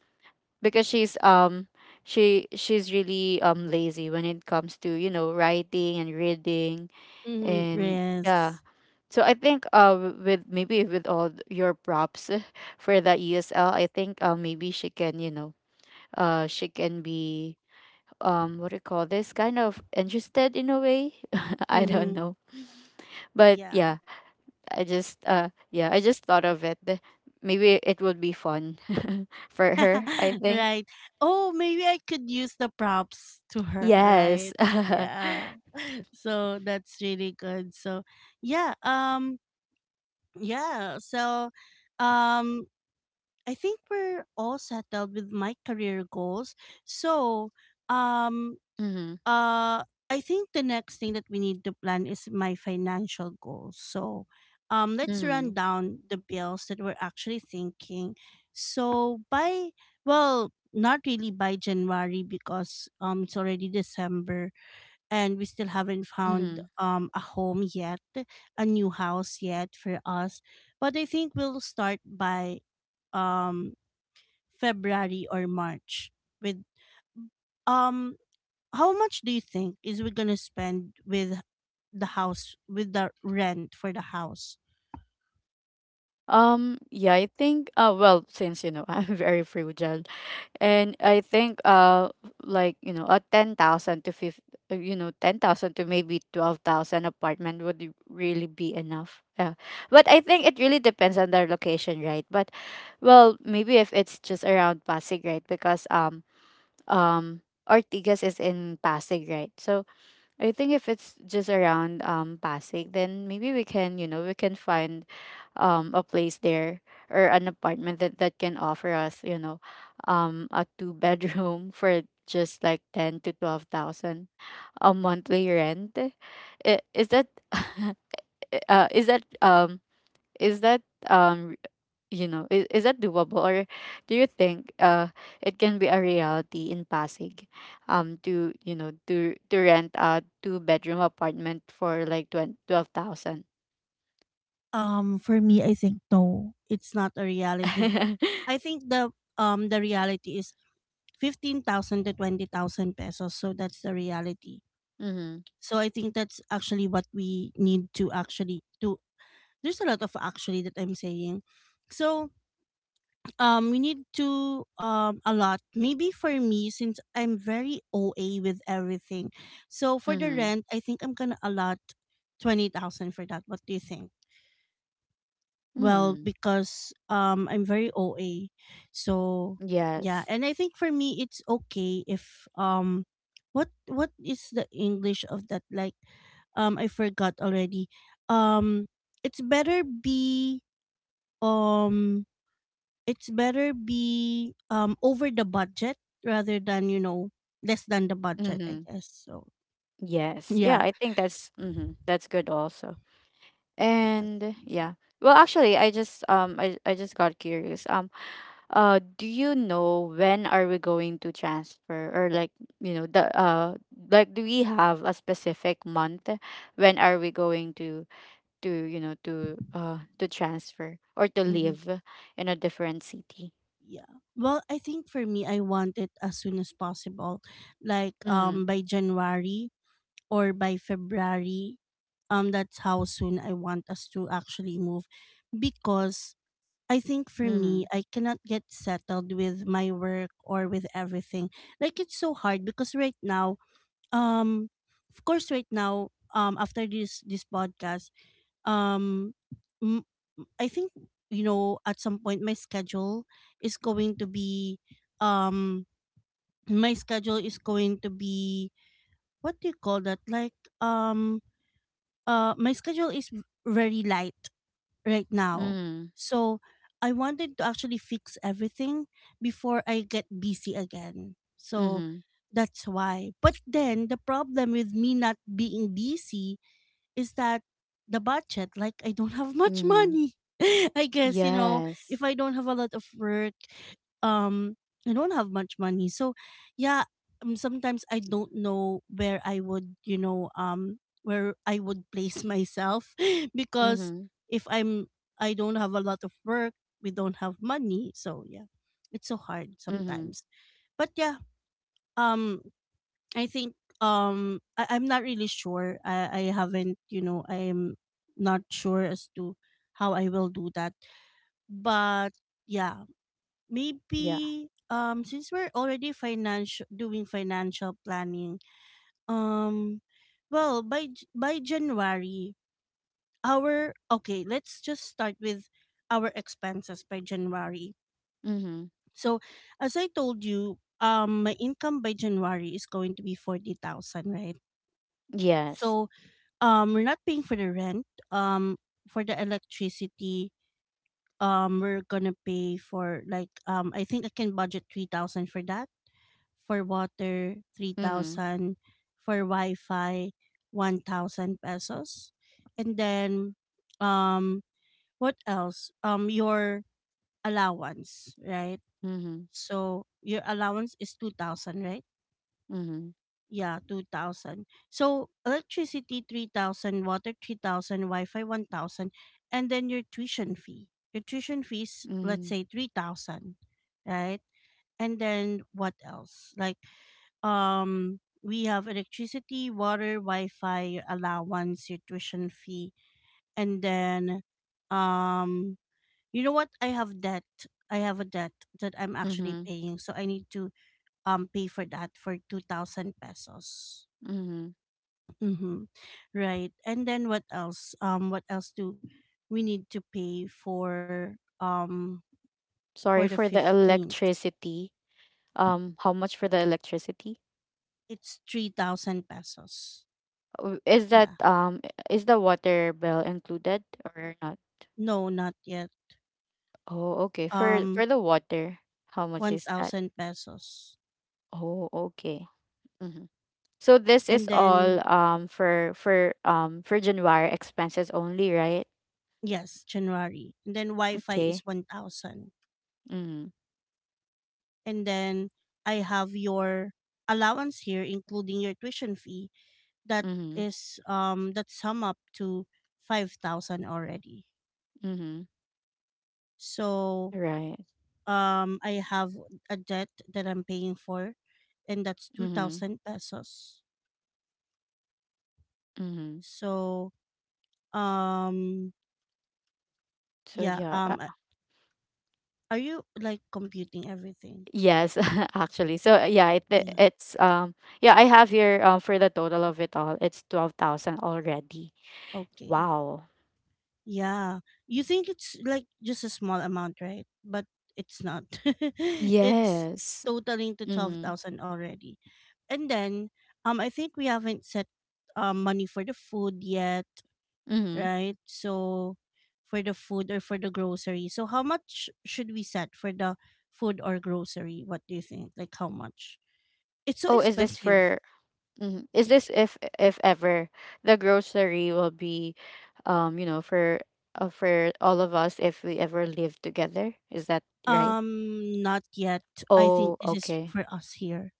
Because she's she she's really lazy when it comes to, you know, writing and reading. Mhm. And yeah, Yes. so I think with maybe with all your props for the ESL, I think maybe she can, you know, she can be what do you call this, kind of interested in a way. I don't Mhm. know, but Yeah. yeah, I just yeah, I just thought of it. Maybe it would be fun for her, I think. right. Oh, maybe I could use the props to her, Yes. right? Yeah. So that's really good. So yeah, yeah, so um I think we're all settled with my career goals. So um Mm-hmm. uh, I think the next thing that we need to plan is my financial goals. So, let's Mm-hmm. run down the bills that we're actually thinking. So by, well, not really by January because it's already December and we still haven't found Mm-hmm. A home yet, a new house yet for us. But I think we'll start by um February or March with, um how much do you think is we gonna spend with the house, with the rent for the house? Yeah, I think well, since, you know, I'm very frugal, and I think like, you know, a 10,000 to 50, you know, 10,000 to maybe 12,000 apartment would really be enough. Yeah. But I think it really depends on their location, right? But well, maybe if it's just around Pasig, right? Because um Ortigas is in Pasig, right? So I think if it's just around Pasig, then maybe we can, you know, we can find a place there, or an apartment that that can offer us, you know, a two bedroom for just like 10 to 12,000 a monthly rent. Is that is that is that um you know, is that doable, or do you think it can be a reality in Pasig to, you know, to rent a two-bedroom apartment for like 20, 12,000? For me, I think no. It's not a reality. I think the reality is 15,000 to 20,000 pesos. So that's the reality. Mm-hmm. So I think that's actually what we need to actually do. There's a lot of actually that I'm saying. So we need to a lot. Maybe for me, since I'm very OA with everything, so for the Mm-hmm. rent, I think I'm gonna allot 20,000 for that. What do you think? Well, Mm. because I'm very OA, so yeah, Yes. and I think for me it's okay if what what is the English of that, like, I forgot already. Um, it's better be um over the budget rather than, you know, less than the budget, I Mm-hmm. guess. So Yes, yeah, yeah. I think that's mm-hmm, that's good also. Yes. And yeah. Well, actually, I just I just got curious. Do you know when are we going to transfer, or like, you know, the like, do we have a specific month when are we going to, you know, to transfer, or to Hmm. live in a different city? Yeah, well, I think for me I want it as soon as possible, like Mhm. by January or by February. That's how soon I want us to actually move, because I think for me Mhm. I cannot get settled with my work or with everything. Like it's so hard because right now, um of course right now after this podcast, um m- I think, you know, at some point my schedule is going to be um my schedule is going to be what do you call that like um my schedule is very light right now. Mhm. So I wanted to actually fix everything before I get busy again. So Mhm. that's why. But then the problem with me not being busy is that the budget, like I don't have much Mhm. money. I guess, you know, Yes. if I don't have a lot of work, um I don't have much money, so yeah. Sometimes I don't know where I would, where I would place myself because Mhm. if I'm, I don't have a lot of work, we don't have money, so yeah, it's so hard Mhm. sometimes. But yeah, um I think, I'm not really sure. I haven't, you know, I'm not sure as to how I will do that. But yeah, Yeah. maybe since we're already financial doing financial planning, um by January, our, okay, let's just start with our expenses by January. Mhm. So as I told you, my income by January is going to be 40,000, right? Yes. So, we're not paying for the rent. Um, for the electricity, we're gonna pay for like, I think I can budget 3,000 for that. For water, three Mhm. thousand. For Wi-Fi, 1,000 pesos, and then, um, what else? Your allowance, right? Mhm. So your allowance is 2,000, right? Mhm. Yeah, 2,000. So electricity 3,000, water 3,000, Wi-Fi 1,000, and then your tuition fee. Your tuition fees, let's Mhm. say 3,000, right? And then what else? Like, we have electricity, water, Wi-Fi, your allowance, your tuition fee, and then, um you know what? I have debt. I have a debt that I'm actually Mhm. paying, so I need to pay for that for 2,000 pesos. Mhm. Mm-hmm. Right. And then what else? What else do we need to pay for the Sorry for the 15th? electricity. How much for the electricity? It's 3,000 pesos. Oh, is Yeah. that is the water bill included or not? No, not yet. Oh, okay. Um, For the water, how much one is that? thousand pesos. Oh, okay. Mm-hmm. So this And is then all for January expenses only, right? yes, January. And then Wi-Fi is Okay. 1,000. Mm-hmm. And then I have your allowance here, including your tuition fee. That Mm-hmm. is that sum up to 5,000 already. Mm-hmm. So Right. I have a debt that I'm paying for, and that's Mm-hmm. 2,000 pesos. Mm-hmm. So um So yeah, yeah, are you like computing everything? yes, actually. So yeah, Yeah. it's yeah, I have here for the total of it all, it's 12,000 already. Okay. Wow. Yeah. You think it's like just a small amount, right? But it's not. It's Yes. totaling to Mm-hmm. 12,000 already. And then, I think we haven't set money for the food yet, Mm-hmm. right? So for the food or for the grocery. So how much should we set for the food or grocery? What do you think? Like how much? It's so Oh, is this expensive. for, mhm, is this if ever the grocery will be you know, for all of us if we ever live together? Is that right? Not yet. I Oh, think this is okay. for us here.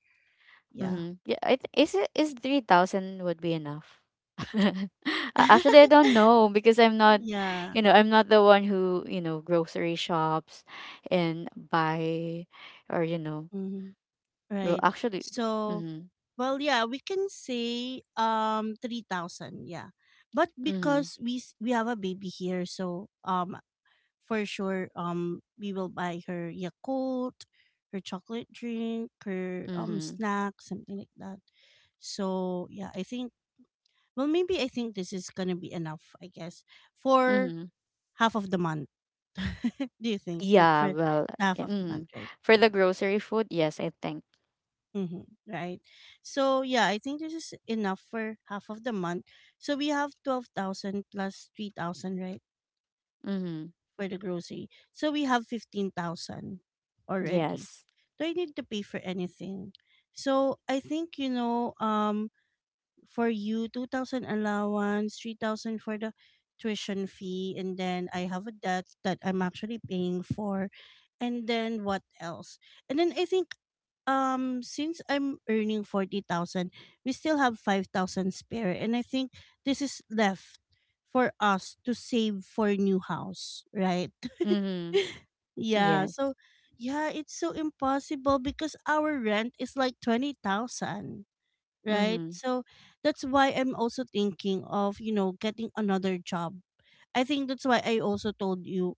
Yeah. Mm-hmm. Yeah, is it, is 3,000 would be enough? Actually, I don't know, because I'm not, yeah. you know, I'm not the one who, you know, grocery shops and buy or you know, Mhm. well, Right. actually, So mhm, well yeah, we can say 3,000, yeah. But mhm, because we have a baby here, so for sure we will buy her Yakult, her chocolate drink, her mhm, snack, something like that. So yeah, I think, well, maybe I think this is gonna be enough, I guess, for mhm. half of the month. Do you think? Like Yeah, for well, half eh, of the mm. month, right? For the Yeah. grocery food, yes, I think. Mm-hmm. Right. So yeah, I think this is enough for half of the month. So we have 12,000 plus 3,000, right? Mhm. For the grocery. So we have 15,000 already. Yes. Do I need to pay for anything? So I think, you know, for you, 2,000 allowance, 3,000 for the tuition fee, and then I have a debt that I'm actually paying for. And then what else? And then I think, since I'm earning 40,000, we still have 5,000 spare, and I think this is left for us to save for new house, right? Mhm. yeah, Yes. so yeah, it's so impossible because our rent is like 20,000, right? Mhm. So that's why I'm also thinking of, you know, getting another job. I think that's why I also told you,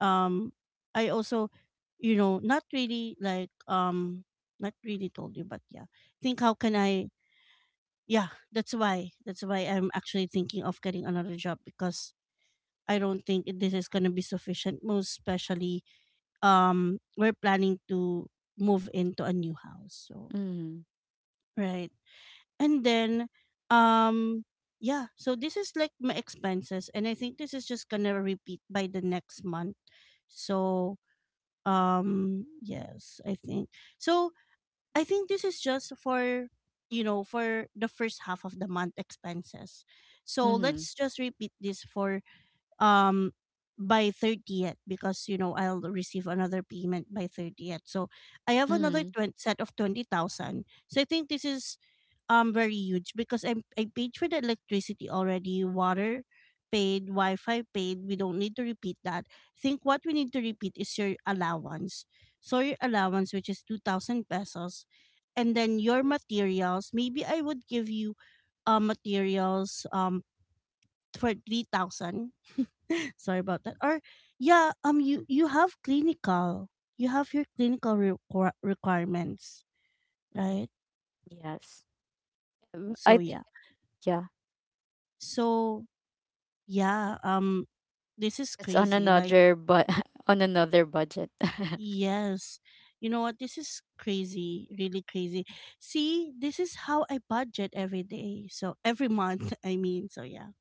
um I also, you know, not really like, not really told you, but yeah. Think how can I, yeah, that's why. That's why I'm actually thinking of getting another job because I don't think this is going to be sufficient, most especially we're planning to move into a new house. So, Mhm. right. And then, um yeah, so this is like my expenses, and I think this is just gonna repeat by the next month. So yes, I think, so I think this is just for, you know, for the first half of the month expenses. So Mhm. let's just repeat this for um by 30th, because, you know, I'll receive another payment by 30th. So I have another Mhm. 20, set of 20,000, so I think this is very huge because I paid for the electricity already, water paid, Wi-Fi paid. We don't need to repeat that. I think what we need to repeat is your allowance. So your allowance, which is 2,000 pesos, and then your materials. Maybe I would give you materials for 3,000. Sorry about that. Or yeah, you, you have clinical, you have your clinical requirements, Mhm. right? Yes. So I think yeah, yeah, so yeah, this is it's on crazy. Like, another, but on another budget. yes. You know what? This is crazy, really crazy. See, this is how I budget every day. So every month, I mean. So yeah.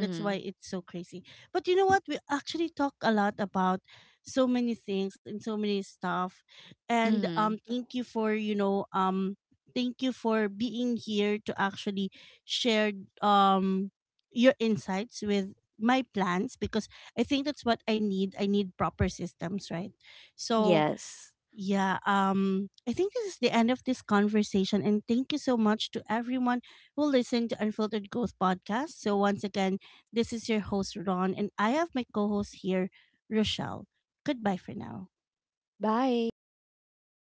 That's why it's so crazy. But you know what? We actually talk a lot about so many things and so many stuff. And Mhm. thank you for, you know, thank you for being here to actually share um your insights with my plans because I think that's what I need. I need proper systems, right? So Yes. yeah, I think this is the end of this conversation. And thank you so much to everyone who listened to Unfiltered Growth Podcast. So, once again, this is your host, Ron, and I have my co host here, Rochelle. Goodbye for now. Bye.